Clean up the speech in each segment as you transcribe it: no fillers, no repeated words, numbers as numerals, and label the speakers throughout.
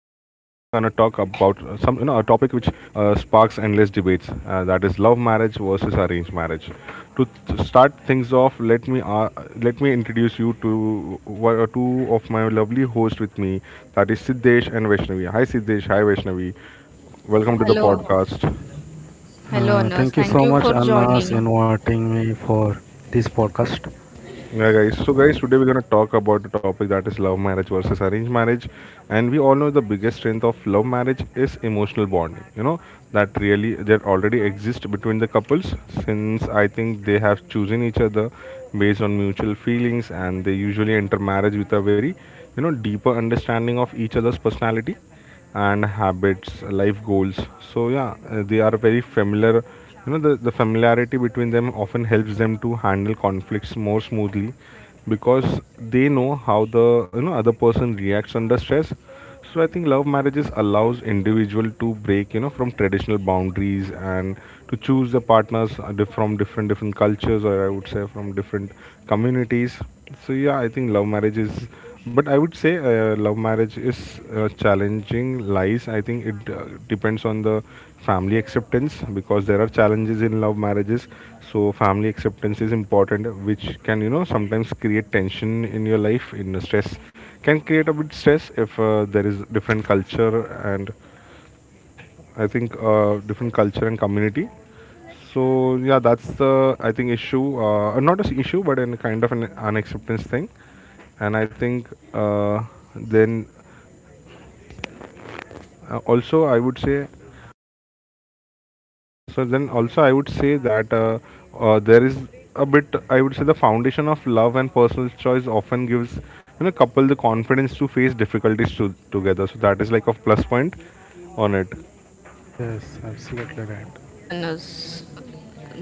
Speaker 1: talk about some, a topic which sparks endless debates. That is love marriage versus arranged marriage. To start things off, let me introduce you to one or two of my lovely hosts with me. That is Siddesh and Vaishnavi. Hi Siddesh, hi Vaishnavi. Welcome to the
Speaker 2: Hello,
Speaker 1: podcast.
Speaker 2: hello, Anas.
Speaker 3: Thank you so
Speaker 2: Thank you
Speaker 3: much,
Speaker 2: for
Speaker 3: Anas,
Speaker 2: joining.
Speaker 3: inviting me for this podcast.
Speaker 1: Yeah, guys. So, guys, today we're gonna talk about the topic that is love marriage versus arranged marriage, and we all know the biggest strength of love marriage is emotional bonding. That really that already exists between the couples since I think they have chosen each other based on mutual feelings, and they usually enter marriage with a very deeper understanding of each other's personality and habits life goals. So they are very familiar. You know the familiarity between them often helps them to handle conflicts more smoothly because they know how the other person reacts under stress. So I think love marriages allows individual to break from traditional boundaries and to choose the partners, from different cultures, or I would say from different communities. So yeah, I think love marriage is, but I would say love marriage is challenging lies. I think it depends on the family acceptance, because there are challenges in love marriages. So family acceptance is important, which can sometimes create tension in your life. In a stress, can create a bit stress if there is different culture. And I think, different culture and community. So yeah, that's the, I think, issue. Not an issue, but in kind of an unacceptance thing. And I think, then also I would say, so. Then also I would say that, there is a bit, I would say the foundation of love and personal choice often gives couple the confidence to face difficulties to, together. So that is like a plus point on it.
Speaker 3: Yes, absolutely right.
Speaker 2: Yes, Anas,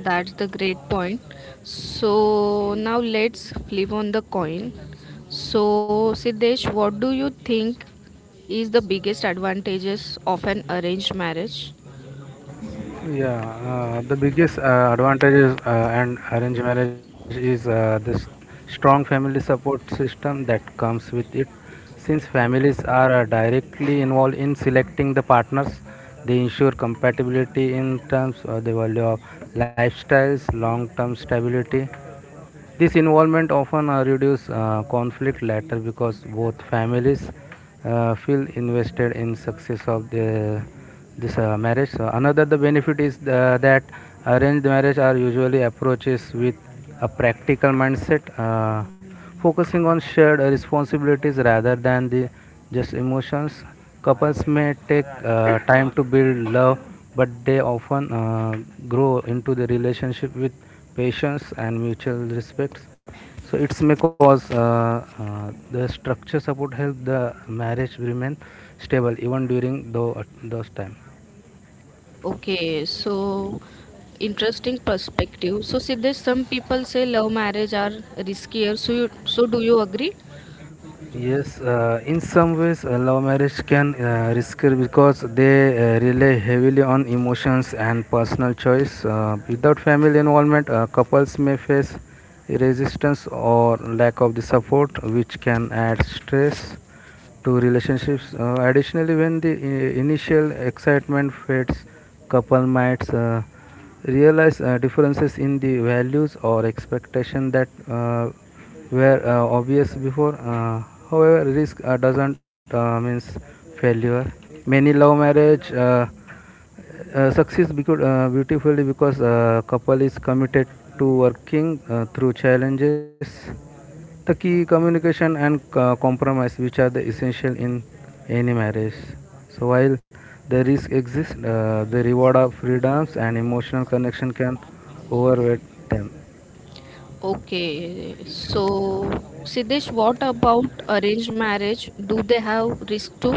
Speaker 2: that's the great point. So now let's flip on the coin. So Siddesh, what do you think is the biggest advantages of an arranged marriage?
Speaker 3: Yeah, the biggest advantages and arranged marriage is this strong family support system that comes with it. Since families are directly involved in selecting the partners, they ensure compatibility in terms of the value of lifestyles, long-term stability. This involvement often reduces conflict later because both families feel invested in success of this marriage. So another the benefit is that arranged marriage are usually approaches with a practical mindset, focusing on shared responsibilities rather than the just emotions. Couples may take time to build love, but they often grow into the relationship with patience and mutual respects. So it may cause the structure support help the marriage remain stable even during those time.
Speaker 2: Okay, so interesting perspective. So Siddesh, some people say love marriage are riskier. So do you agree?
Speaker 3: Yes, in some ways, love marriage can risk it because they rely heavily on emotions and personal choice. Without family involvement, couples may face resistance or lack of the support, which can add stress to relationships. Additionally, when the initial excitement fades, couple might realize differences in the values or expectation that were obvious before. However, risk doesn't means failure. Many love marriage. Success because beautifully because couple is committed to working through challenges. The key communication and compromise, which are the essential in any marriage. So while the risk exists, the reward of freedoms and emotional connection can overweight them.
Speaker 2: Okay, so Siddesh, what about arranged marriage? Do they have risk too?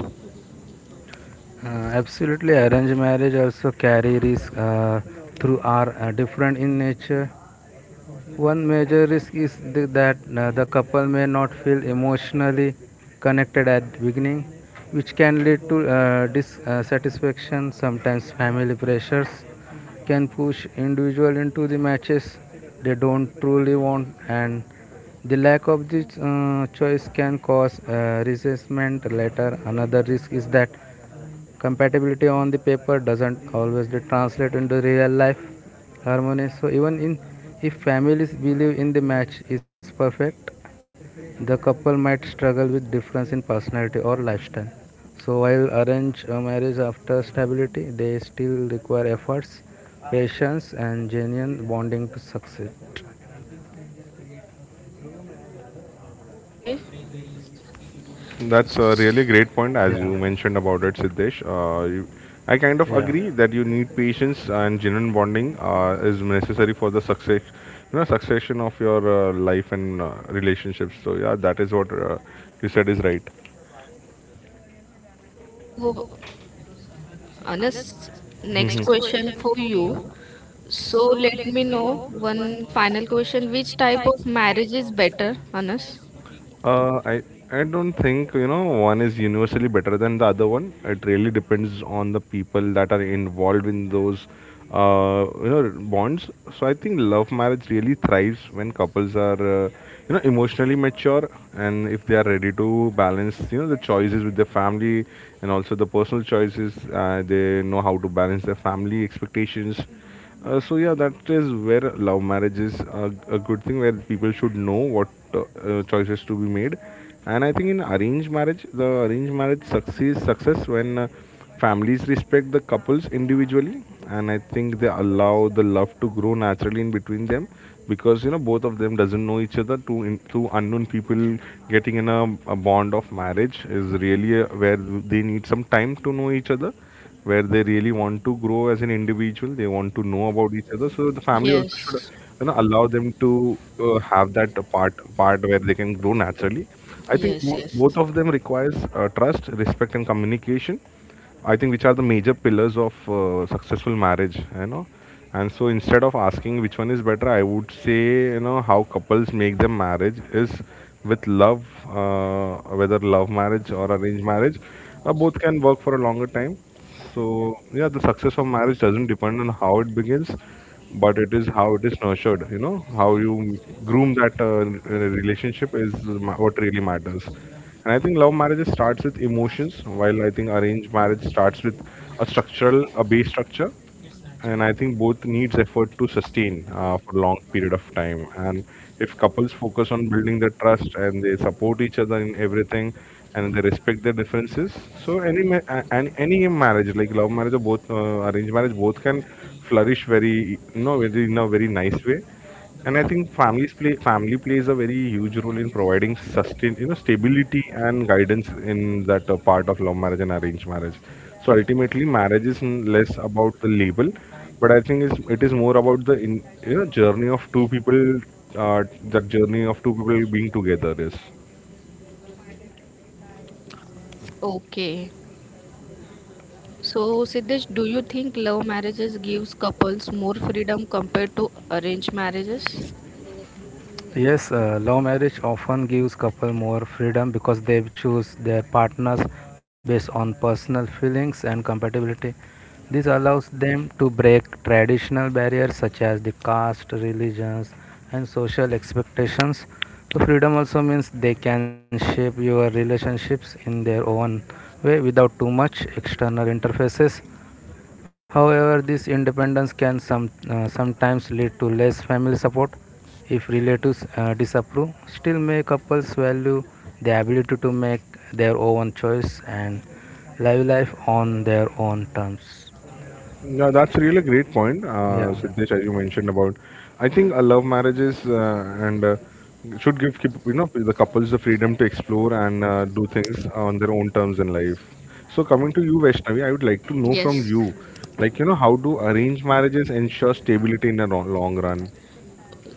Speaker 3: Uh, Absolutely, arranged marriage also carry risk through are different in nature. One major risk is that the couple may not feel emotionally connected at the beginning, which can lead to dissatisfaction. Sometimes family pressures can push individual into the matches they don't truly want, and the lack of this choice can cause resentment later. Another risk is that compatibility on the paper doesn't always translate into real life harmony. So even in, if families believe in the match is perfect, the couple might struggle with difference in personality or lifestyle. So while arranged marriage after stability, they still require efforts, patience and genuine bonding to succeed.
Speaker 2: Okay,
Speaker 1: That's a really great point, as you
Speaker 3: yeah
Speaker 1: mentioned about it, Siddesh. I kind of
Speaker 3: yeah
Speaker 1: agree that you need patience and genuine bonding is necessary for the success, you know, succession of your life and relationships. So yeah, that is what you said is right.
Speaker 2: so Anas, next question for you. So let me know one final question. Which type of marriage is better, Anas?
Speaker 1: Uh, I I don't think one is universally better than the other one. It really depends on the people that are involved in those bonds. So I think love marriage really thrives when couples are emotionally mature, and if they are ready to balance the choices with their family and also the personal choices. They know how to balance their family expectations. So yeah, that is where love marriage is a good thing, where people should know what, uh, choices to be made. And I think in arranged marriage, the arranged marriage succeeds success when, families respect the couples individually, and I think they allow the love to grow naturally in between them, because you know both of them doesn't know each other. Two unknown people getting in a bond of marriage is really where they need some time to know each other, where they really want to grow as an individual, they want to know about each other, so the family also should
Speaker 2: Yes,
Speaker 1: allow them to have that part where they can grow naturally. I think
Speaker 2: yes,
Speaker 1: both,
Speaker 2: yes.
Speaker 1: both of them requires trust respect and communication, I think, which are the major pillars of successful marriage, you know. And so instead of asking which one is better, I would say, you know, how couples make their marriage is with love, whether love marriage or arranged marriage, both can work for a longer time. So yeah, the success of marriage doesn't depend on how it begins, but it is how it is nurtured. You know, how you groom that relationship is what really matters. And I think love marriage starts with emotions, while I think arranged marriage starts with a structural, a base structure, and I think both needs effort to sustain for long period of time. And if couples focus on building the trust, and they support each other in everything, and they respect their differences, so any any marriage, like love marriage or both arranged marriage, both can flourish very, very, in a very nice way. And I think families play, family plays a very huge role in providing sustain, you know, stability and guidance in that part of love marriage and arranged marriage. So ultimately marriage is less about the label, but I think it is more about you know, journey of two people, uh, that journey of two people being together, yes.
Speaker 2: Okay. So Siddesh, do you think love marriages gives couples more freedom compared to arranged marriages?
Speaker 3: Yes, love marriage often gives couple more freedom because they choose their partners based on personal feelings and compatibility. This allows them to break traditional barriers such as the caste, religions, and social expectations. So freedom also means they can shape your relationships in their own way without too much external interfaces. However, this independence can sometimes lead to less family support if relatives disapprove. Still, may couples value the ability to make their own choice and live life on their own terms.
Speaker 1: Yeah, that's really a great point,
Speaker 3: Yeah,
Speaker 1: Siddesh, as you mentioned about. I think love marriages and should you know, the couples the freedom to explore and do things on their own terms in life. So coming to you, Vaishnavi, I would like to know from
Speaker 2: Yes.
Speaker 1: you, like, you know, how do arranged marriages ensure stability in the long run?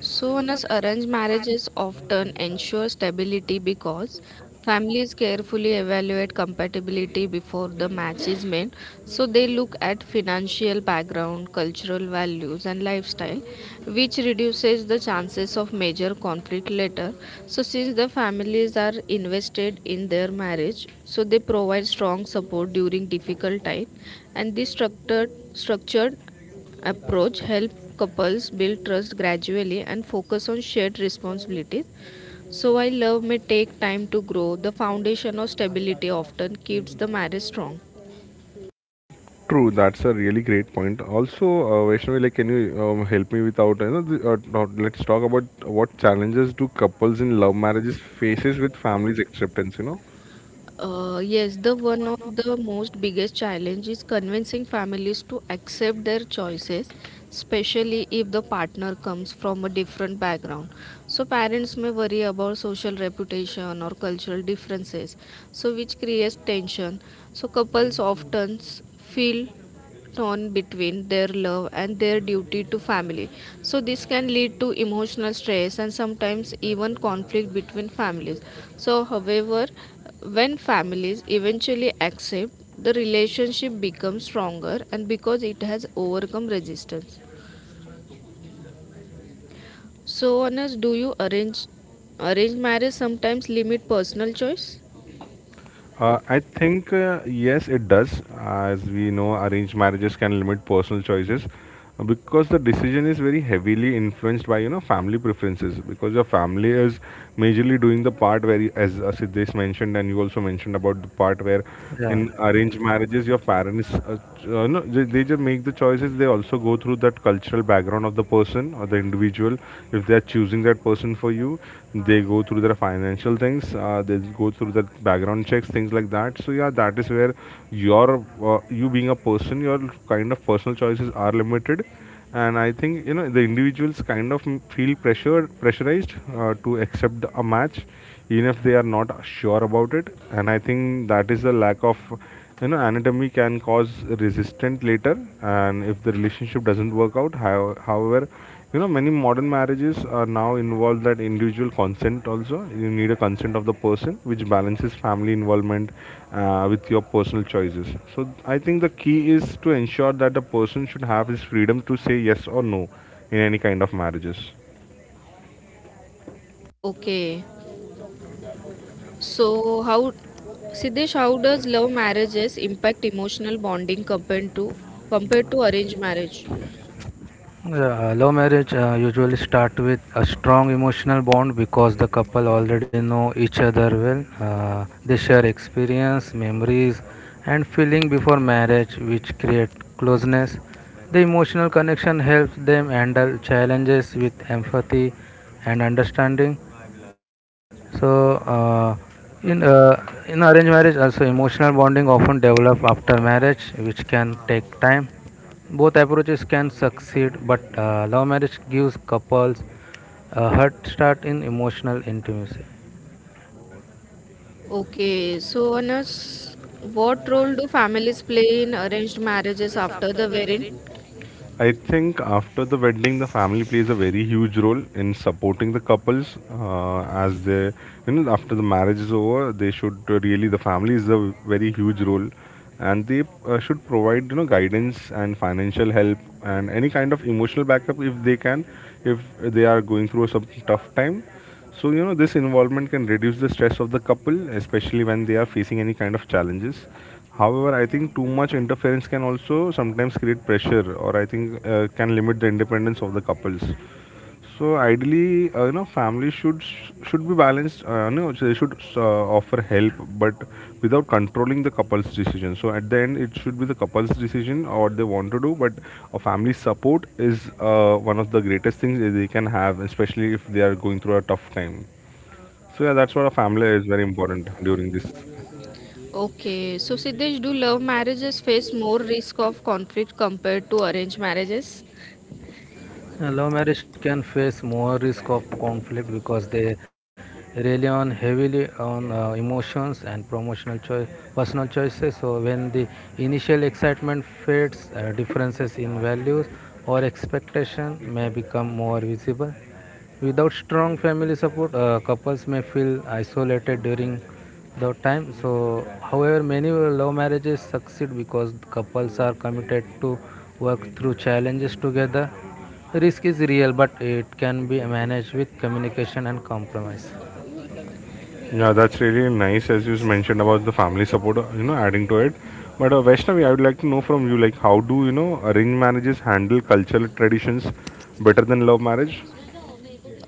Speaker 2: So, Sona's arranged marriages often ensure stability because families carefully evaluate compatibility before the match is made. So they look at financial background, cultural values, and lifestyle, which reduces the chances of major conflict later. So since the families are invested in their marriage, so they provide strong support during difficult time, and this structured approach helps couples build trust gradually and focus on shared responsibilities. So while love may take time to grow, the foundation of stability often keeps the marriage strong.
Speaker 1: True, that's a really great point. Also, Vaishnavi, like, can you help me without, you know, the, not- let's talk about what challenges do couples in love marriages faces with families acceptance. You know.
Speaker 2: Yes, the one of the most biggest challenge is convincing families to accept their choices, especially if the partner comes from a different background. So parents may worry about social reputation or cultural differences, so which creates tension. So couples often feel torn between their love and their duty to family. So this can lead to emotional stress and sometimes even conflict between families. So, however, when families eventually accept, the relationship becomes stronger and because it has overcome resistance. So, Anas, do you arrange marriage sometimes limit personal choice?
Speaker 1: I think Yes, it does. As we know, arranged marriages can limit personal choices because the decision is very heavily influenced by family preferences. Because your family is majorly doing the part where, as Siddesh mentioned, and you also mentioned about the part where, in
Speaker 3: yeah.
Speaker 1: arranged marriages your parents no, they just make the choices. They also go through that cultural background of the person or the individual, if they are choosing that person for you. They go through their financial things, they go through their background checks, things like that. So yeah, that is where your you being a person, your kind of personal choices are limited. And I think you know the individuals kind of feel pressured pressurized, to accept a match even if they are not sure about it. And I think that is the lack of, you know, anatomy, can cause resistance later. And if the relationship doesn't work out, however, you know, many modern marriages are now involved that individual consent, also you need a consent of the person, which balances family involvement with your personal choices. So I think the key is to ensure that the person should have his freedom to say yes or no in any kind of marriages.
Speaker 2: Okay. So how, Siddesh, how does love marriages impact emotional bonding compared to arranged marriage?
Speaker 3: Yeah, love marriage usually start with a strong emotional bond because the couple already know each other well. They share experience, memories, and feeling before marriage, which create closeness. The emotional connection helps them handle challenges with empathy and understanding. So, uh, in arranged marriage, also emotional bonding often develop after marriage, which can take time. Both approaches can succeed, but love marriage gives couples a head start in emotional intimacy.
Speaker 2: Okay, so Anas, what role do families play in arranged marriages after the wedding?
Speaker 1: I think after the wedding, the family plays a very huge role in supporting the couples as they, you know, after the marriage is over, they should really, the family is a very huge role, and they should provide, you know, guidance and financial help and any kind of emotional backup if they can, if they are going through some tough time. So, you know, this involvement can reduce the stress of the couple, especially when they are facing any kind of challenges. However, I think too much interference can also sometimes create pressure, or I think can limit the independence of the couples. So ideally, you know, families should be balanced. You know, so they should offer help, but without controlling the couple's decision. So at the end, it should be the couple's decision or what they want to do. But a family support is one of the greatest things that they can have, especially if they are going through a tough time. So yeah, that's what a family is very important during this.
Speaker 2: Okay, so Siddesh, do love marriages face more risk of conflict compared to arranged marriages?
Speaker 3: Love marriage can face more risk of conflict because they rely on heavily on emotions and personal choices. So when the initial excitement fades, differences in values or expectation may become more visible. Without strong family support, couples may feel isolated during the time. So, however, many love marriages succeed because couples are committed to work through challenges together. Risk is real, but it can be managed with communication and compromise.
Speaker 1: Yeah, that's really nice as you mentioned about the family support, you know, adding to it. But Vaishnavi, I would like to know from you, like, how do, you know, arranged marriages handle cultural traditions better than love marriage?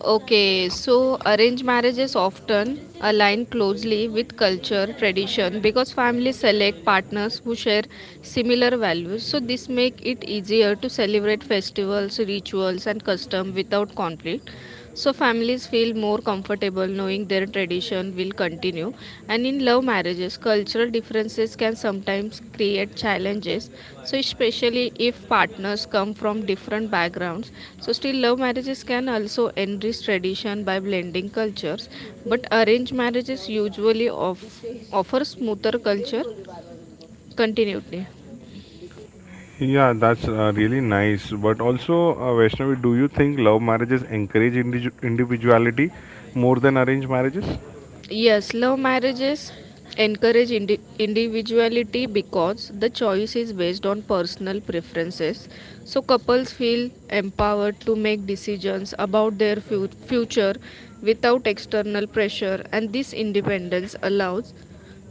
Speaker 2: Okay, so arranged marriages often align closely with culture, tradition because families select partners who share similar values. So this make it easier to celebrate festivals, rituals and custom without conflict. So families feel more comfortable knowing their tradition will continue, and in love marriages cultural differences can sometimes create challenges, so especially if partners come from different backgrounds. So still love marriages can also enrich tradition by blending cultures, but arranged marriages usually offer smoother culture continuity.
Speaker 1: Yeah, that's really nice. But also, Vaishnavi, do you think love marriages encourage individuality more than arranged marriages?
Speaker 2: Yes, love marriages encourage individuality because the choice is based on personal preferences. So, couples feel empowered to make decisions about their future without external pressure, and this independence allows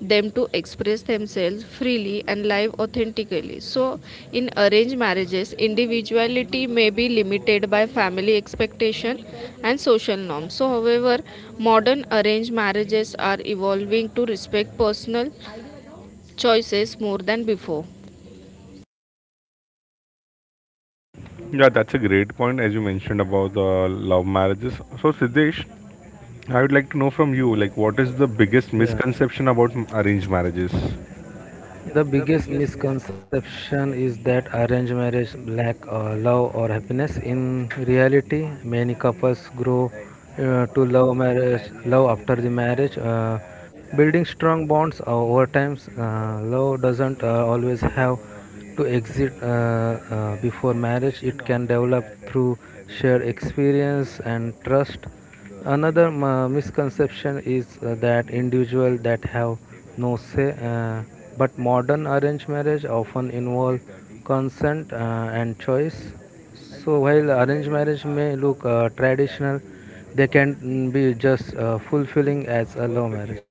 Speaker 2: them to express themselves freely and live authentically. So, in arranged marriages, individuality may be limited by family expectation and social norms. So, however, modern arranged marriages are evolving to respect personal choices more than before.
Speaker 1: Yeah, that's a great point as you mentioned about the love marriages. So, Siddesh, I would like to know from you, like, what is the biggest
Speaker 3: Yeah.
Speaker 1: misconception about arranged marriages?
Speaker 3: The biggest misconception is that arranged marriage lack love or happiness. In reality, many couples grow to love after the marriage, building strong bonds over time. Love doesn't always have to exit before marriage. It can develop through shared experience and trust. Another misconception is that individuals that have no say, but modern arranged marriage often involve consent and choice. So while arranged marriage may look traditional, they can be just fulfilling as a love marriage.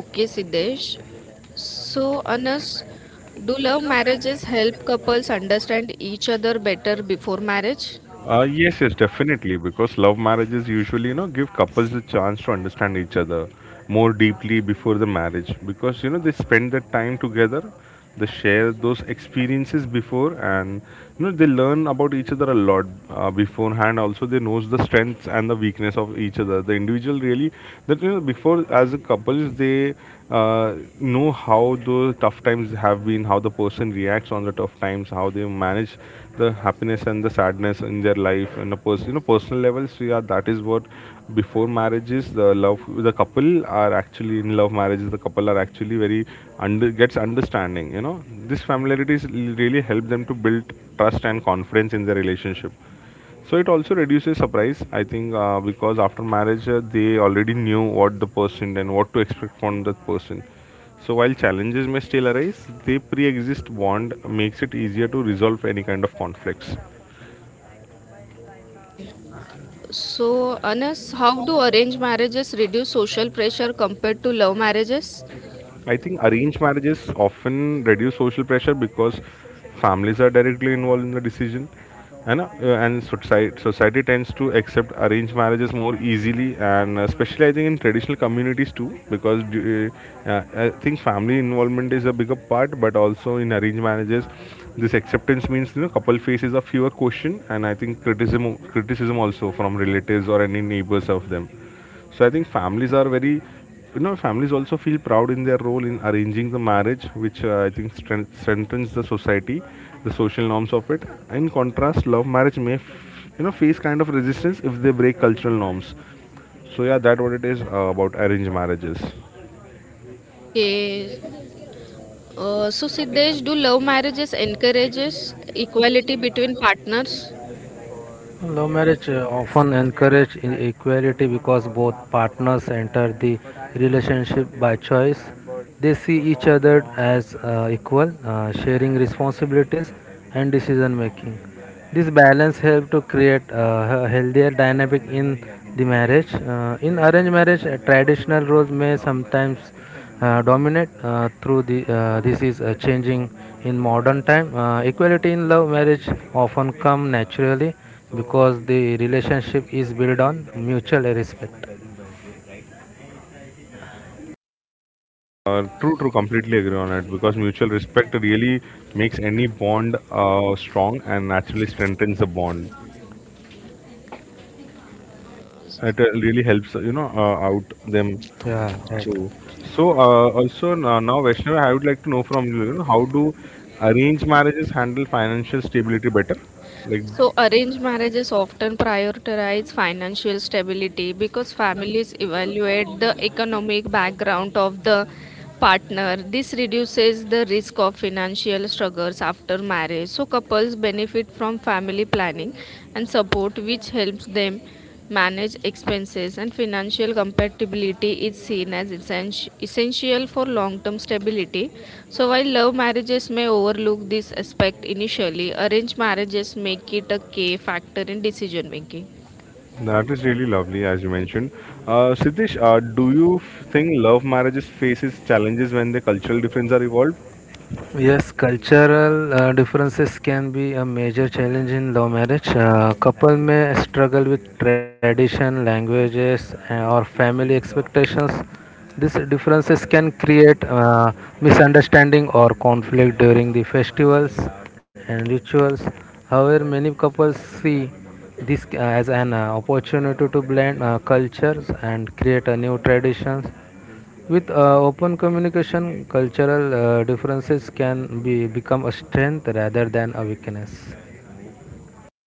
Speaker 2: Okay, Siddesh. So, Anas, do love marriages help couples understand each other better before marriage?
Speaker 1: Yes, definitely. Because love marriages usually, you know, give couples the chance to understand each other more deeply before the marriage. Because you know they spend that time together, they share those experiences before, and you know they learn about each other a lot beforehand. Also, they knows the strengths and the weakness of each other. The individual really that before as a couples they uh, know how those tough times have been, how the person reacts on the tough times, how they manage the happiness and the sadness in their life and the personal levels we are that is what before marriages the love the couple are actually in love marriages the couple are actually very under gets understanding. This familiarities really help them to build trust and confidence in their relationship. So it also reduces surprise I think, because after marriage they already knew what the person and what to expect from that person. So while challenges may still arise they pre-exist bond makes it easier to resolve any kind of conflicts.
Speaker 2: Okay. So, Anas, how do arranged marriages reduce social pressure compared to love marriages?
Speaker 1: I think arranged marriages often reduce social pressure because families are directly involved in the decision, and society tends to accept arranged marriages more easily, and especially I think in traditional communities too, because I think family involvement is a bigger part, but also in arranged marriages, this acceptance means couple faces a fewer question, and I think criticism also from relatives or any neighbors of them. So I think families are very, families also feel proud in their role in arranging the marriage, which I think strengthens the society, the social norms of it. In contrast love marriage may face kind of resistance if they break cultural norms. So yeah that what it is about arranged marriages.
Speaker 2: Okay. So, Siddesh, do love marriages encourages equality between partners?
Speaker 3: Love marriage often encourages inequality because both partners enter the relationship by choice. They see each other as equal, sharing responsibilities and decision making. This balance helps to create a healthier dynamic in the marriage. In arranged marriage, traditional roles may sometimes dominate through the this is changing in modern time. Equality in love marriage often come naturally, so because the relationship is built on mutual respect.
Speaker 1: True, completely agree on it because mutual respect really makes any bond strong and naturally strengthens the bond. It really helps out them.
Speaker 3: Yeah, right.
Speaker 1: True. So, also now Vaishnav, I would like to know from you, you know, how do arranged marriages handle financial stability better? Like,
Speaker 2: So, arranged marriages often prioritize financial stability because families evaluate the economic background of the partner. This reduces the risk of financial struggles after marriage. So, couples benefit from family planning and support, which helps them manage expenses and financial compatibility is seen as essential for long term stability. So, while love marriages may overlook this aspect initially, arranged marriages make it a key factor in decision making.
Speaker 1: that is really lovely, as you mentioned. Siddesh, do you think love marriages faces challenges when the cultural differences are evolved?
Speaker 3: Yes, cultural differences can be a major challenge in love marriage. Couple may struggle with tradition, languages, or family expectations. These differences can create misunderstanding or conflict during the festivals and rituals. However, many couples see this as an opportunity to blend cultures and create a new traditions. With open communication, cultural differences can be become a strength rather than a weakness.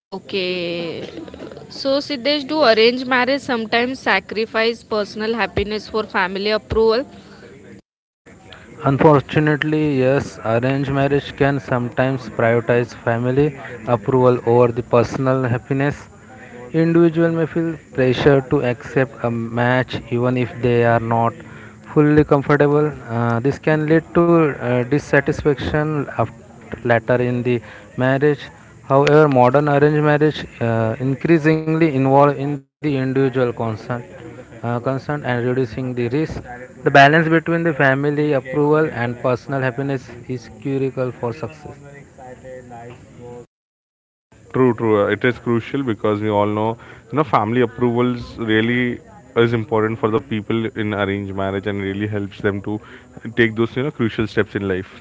Speaker 2: Okay, so Siddesh, do arranged marriage sometimes sacrifice personal happiness for family approval?
Speaker 3: Unfortunately, yes, arranged marriage can sometimes prioritize family approval over the personal happiness. Individual may feel pressure to accept a match even if they are not fully comfortable. This can lead to dissatisfaction later in the marriage. However, modern arranged marriage increasingly involve in the individual consent concern and reducing the risk. The balance between the family approval and personal happiness is critical for success.
Speaker 1: True, true. It is crucial because we all know, you know, family approvals really is important for the people in arranged marriage and really helps them to take those, you know, crucial steps in life.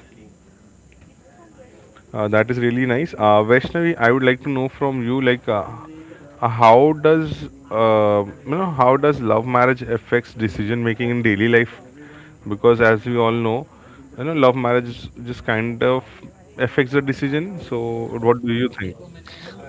Speaker 1: That is really nice. Vaishnavi, I would like to know from you, like, how does you know how does love marriage affects decision making in daily life? Because as we all know, you know, love marriage just kind of affects the decision. So, what do you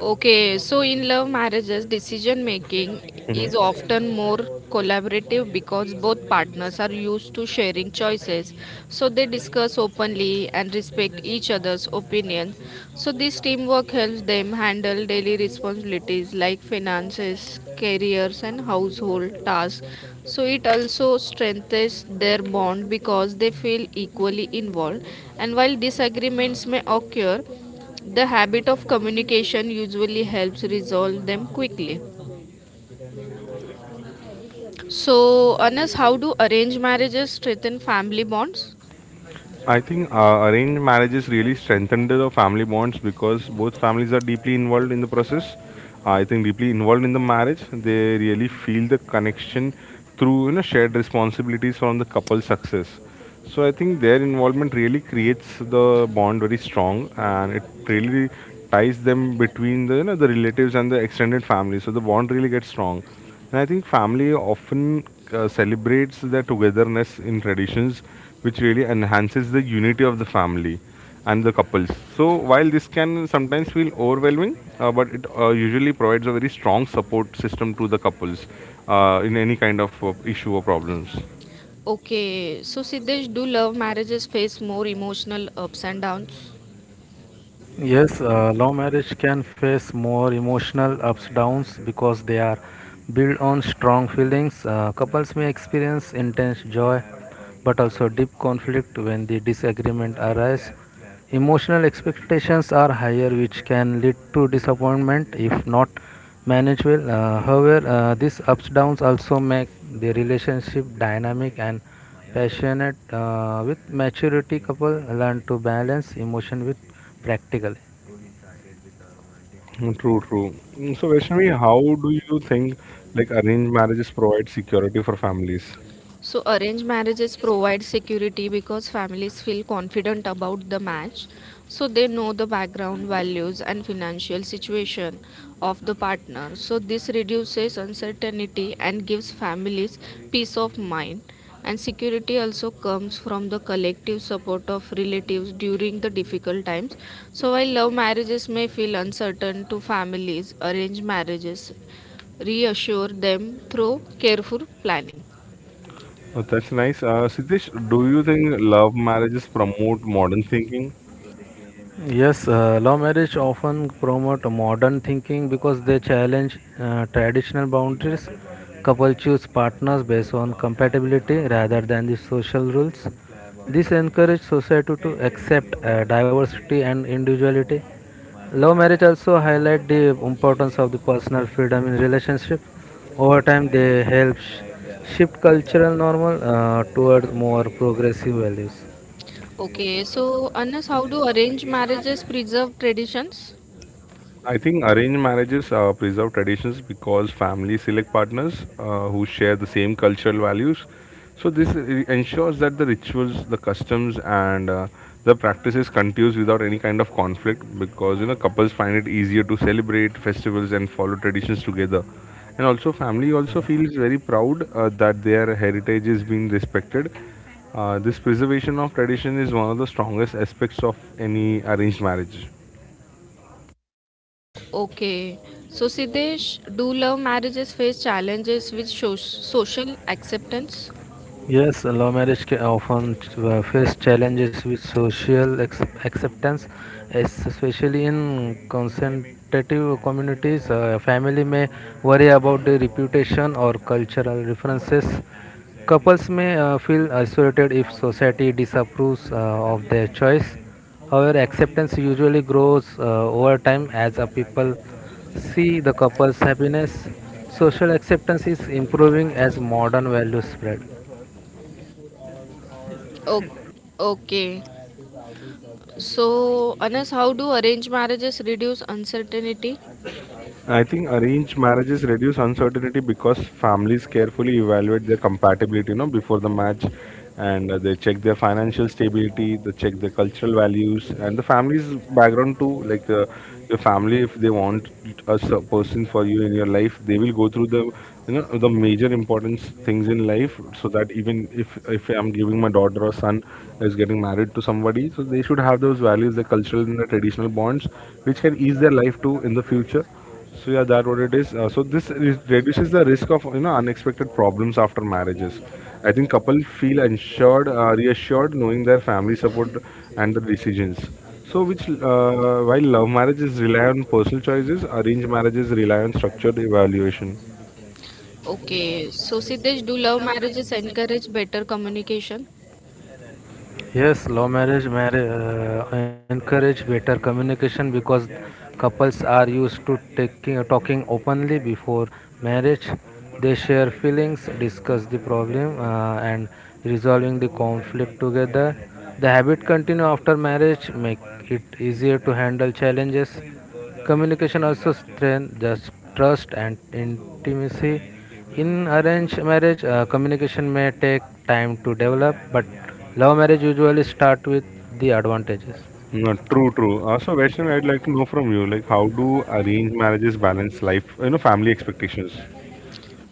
Speaker 2: Okay, so in love marriages, decision making
Speaker 1: think?
Speaker 2: is often more collaborative because both partners are used to sharing choices. So they discuss openly and respect each other's opinion. So this teamwork helps them handle daily responsibilities like finances, careers, and household tasks. So it also strengthens their bond because they feel equally involved. And while disagreements may occur, the habit of communication usually helps resolve them quickly. So, Anas, how do arranged marriages strengthen family bonds?
Speaker 1: I think arranged marriages really strengthen the family bonds because both families are deeply involved in the process. I think deeply involved in the marriage, they really feel the connection through you know shared responsibilities from the couple's success. So I think their involvement really creates the bond very strong, and it really ties them between the you know the relatives and the extended family. So the bond really gets strong. And I think family often celebrates their togetherness in traditions, which really enhances the unity of the family and the couples. So, while this can sometimes feel overwhelming, but it usually provides a very strong support system to the couples in any kind of issue or problems.
Speaker 2: Okay, so Siddesh, do love marriages face more emotional ups and downs?
Speaker 3: Yes, love marriage can face more emotional ups downs because they are built on strong feelings. Couples may experience intense joy, but also deep conflict when the disagreement arises. Emotional expectations are higher, which can lead to disappointment if not managed well. However, these ups downs also make the relationship dynamic and passionate. With maturity, couple learn to balance emotion with practical.
Speaker 1: Mm, true, true. Mm, so, Vaishnavi, how do you think like arranged marriages provide security for families?
Speaker 2: So, arranged marriages provide security because families feel confident about the match. So, they know the background, values, and financial situation of the partner. So, this reduces uncertainty and gives families peace of mind. And security also comes from the collective support of relatives during the difficult times. So, while love marriages may feel uncertain to families, arranged marriages reassure them through careful planning.
Speaker 1: Oh, that's nice. Siddesh, do you think love marriages promote modern thinking?
Speaker 3: Yes, law marriage often promote modern thinking because they challenge traditional boundaries. Couple choose partners based on compatibility rather than the social rules. This encourage society to accept diversity and individuality. Love marriage also highlight the importance of the personal freedom in relationship. Over time, they help shift cultural normal towards more progressive values.
Speaker 2: Okay, so Anas, how do arranged marriages preserve traditions?
Speaker 1: I think arranged marriages preserve traditions because families select partners who share the same cultural values. So this ensures that the rituals, the customs, and the practices continues without any kind of conflict because you know couples find it easier to celebrate festivals and follow traditions together. And also, family also feels very proud that their heritage is being respected. This preservation of tradition is one of the strongest aspects of any arranged marriage.
Speaker 2: Okay, so Siddesh, do love marriages face challenges with social acceptance?
Speaker 3: Yes, love marriage often face challenges with social acceptance, especially in conservative communities. Family may worry about the reputation or cultural references. Couples may feel isolated if society disapproves of their choice. However, acceptance usually grows over time as a people see the couple's happiness. Social acceptance is improving as modern values spread.
Speaker 2: O- okay, so Anas, how do arranged marriages reduce uncertainty?
Speaker 1: I think arranged marriages reduce uncertainty because families carefully evaluate their compatibility, you know, before the match, and they check their financial stability, they check their cultural values, and the family's background too. Like your family, if they want a person for you in your life, they will go through the, you know, the major importance things in life, so that even if I'm giving my daughter or son is getting married to somebody, so they should have those values, the cultural and the traditional bonds, which can ease their life too in the future. So yeah, that what it is. So this reduces the risk of you know unexpected problems after marriages. I think couple feel ensured, reassured, knowing their family support and the decisions. So which while love marriages rely on personal choices, arranged marriages rely on structured evaluation.
Speaker 2: Okay, so Siddesh, do love marriages encourage better communication?
Speaker 3: Yes, law marriage encourage better communication because couples are used to taking talking openly before marriage. They share feelings, discuss the problem, and resolving the conflict together. The habit continue after marriage, make it easier to handle challenges. Communication also strengthens trust and intimacy. In arranged marriage, communication may take time to develop, but love marriage usually start with the advantages.
Speaker 1: No, true, true. So Vaishnavi, I'd like to know from you, like how do arranged marriages balance life, you know, family expectations?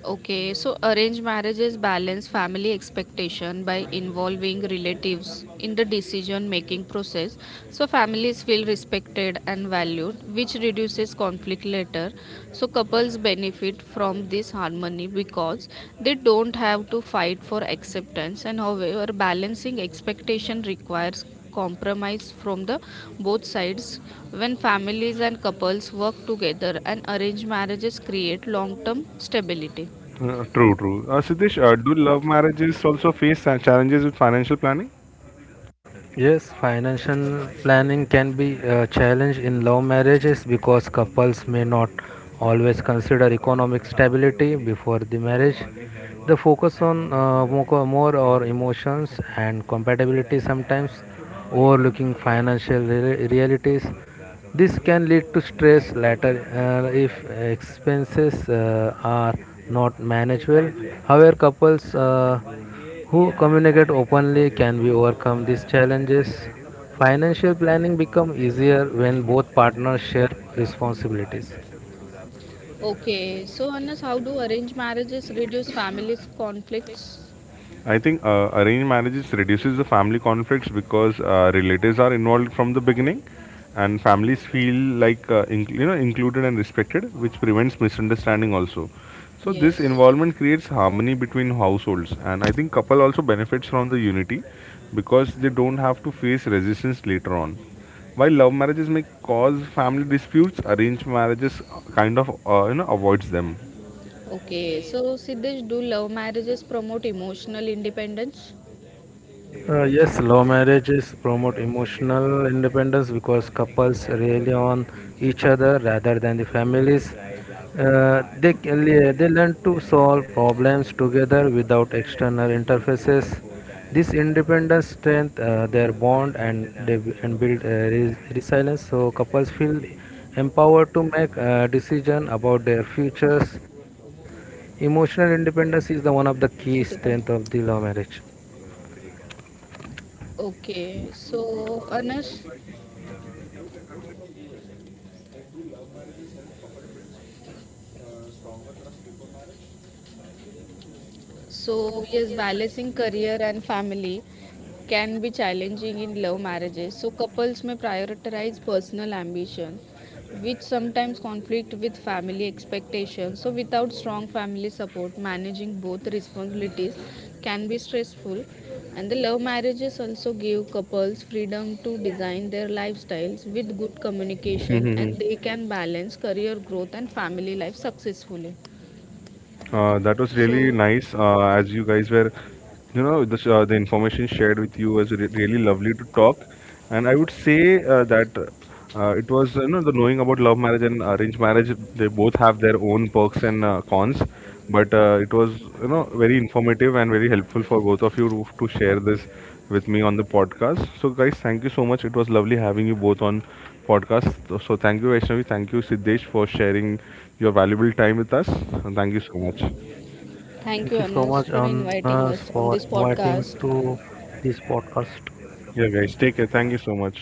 Speaker 2: Okay, so arranged marriages balance family expectation by involving relatives in the decision making process, so families feel respected and valued, which reduces conflict later. So couples benefit from this harmony because they don't have to fight for acceptance, and however balancing expectation requires compromise from the both sides. When families and couples work together and arranged marriages create long term stability.
Speaker 1: True, true. Siddesh, do love marriages also face challenges with financial planning?
Speaker 3: Yes, financial planning can be a challenge in love marriages because couples may not always consider economic stability before the marriage. They focus on more or emotions and compatibility sometimes, overlooking financial realities. This can lead to stress later if expenses are not managed well. However, couples who communicate openly can we overcome these challenges. Financial planning become easier when both partners share responsibilities.
Speaker 2: Okay, so Anas, how do arranged marriages reduce family conflicts?
Speaker 1: I think arranged marriages reduces the family conflicts because relatives are involved from the beginning, and families feel like included and respected, which prevents misunderstanding also. So this
Speaker 2: Yes.
Speaker 1: involvement creates harmony between households, and I think couple also benefits from the unity because they don't have to face resistance later on. While love marriages may cause family disputes, arranged marriages kind of avoids them.
Speaker 2: Okay, so Siddesh, do love marriages promote emotional independence?
Speaker 3: Yes, love marriages promote emotional independence because couples rely on each other rather than the families. They learn to solve problems together without external interfaces. This independence strengthens their bond and build resilience. So couples feel empowered to make decision about their futures. Emotional independence is the one of the key strength of the
Speaker 2: 35.
Speaker 3: love marriage.
Speaker 2: Okay, so Anas, so, yes, balancing career and family can be challenging in love marriages. So, couples may prioritize personal ambition, which sometimes conflict with family expectations. So, without strong family support, managing both responsibilities can be stressful. And the love marriages also give couples freedom to design their lifestyles with good communication and they can balance career growth and family life successfully.
Speaker 1: That was really
Speaker 2: So,
Speaker 1: nice. As you guys were, you know, the, the information shared with you was really lovely to talk. And I would say that it was, you know, the knowing about love marriage and arranged marriage, they both have their own perks and cons. But it was, you know, very informative and very helpful for both of you to share this with me on the podcast. So guys, thank you so much. It was lovely having you both on podcast. So thank you Vaishnavi, thank you Siddesh for sharing your valuable time with us. And thank you so much.
Speaker 2: thank
Speaker 3: Thank
Speaker 2: you,
Speaker 3: you so much,
Speaker 2: Anas, for
Speaker 3: Anas,
Speaker 2: inviting
Speaker 3: for
Speaker 2: us on this
Speaker 3: inviting
Speaker 2: podcast.
Speaker 3: to this podcast.
Speaker 1: Yeah guys, take care. Thank you so much.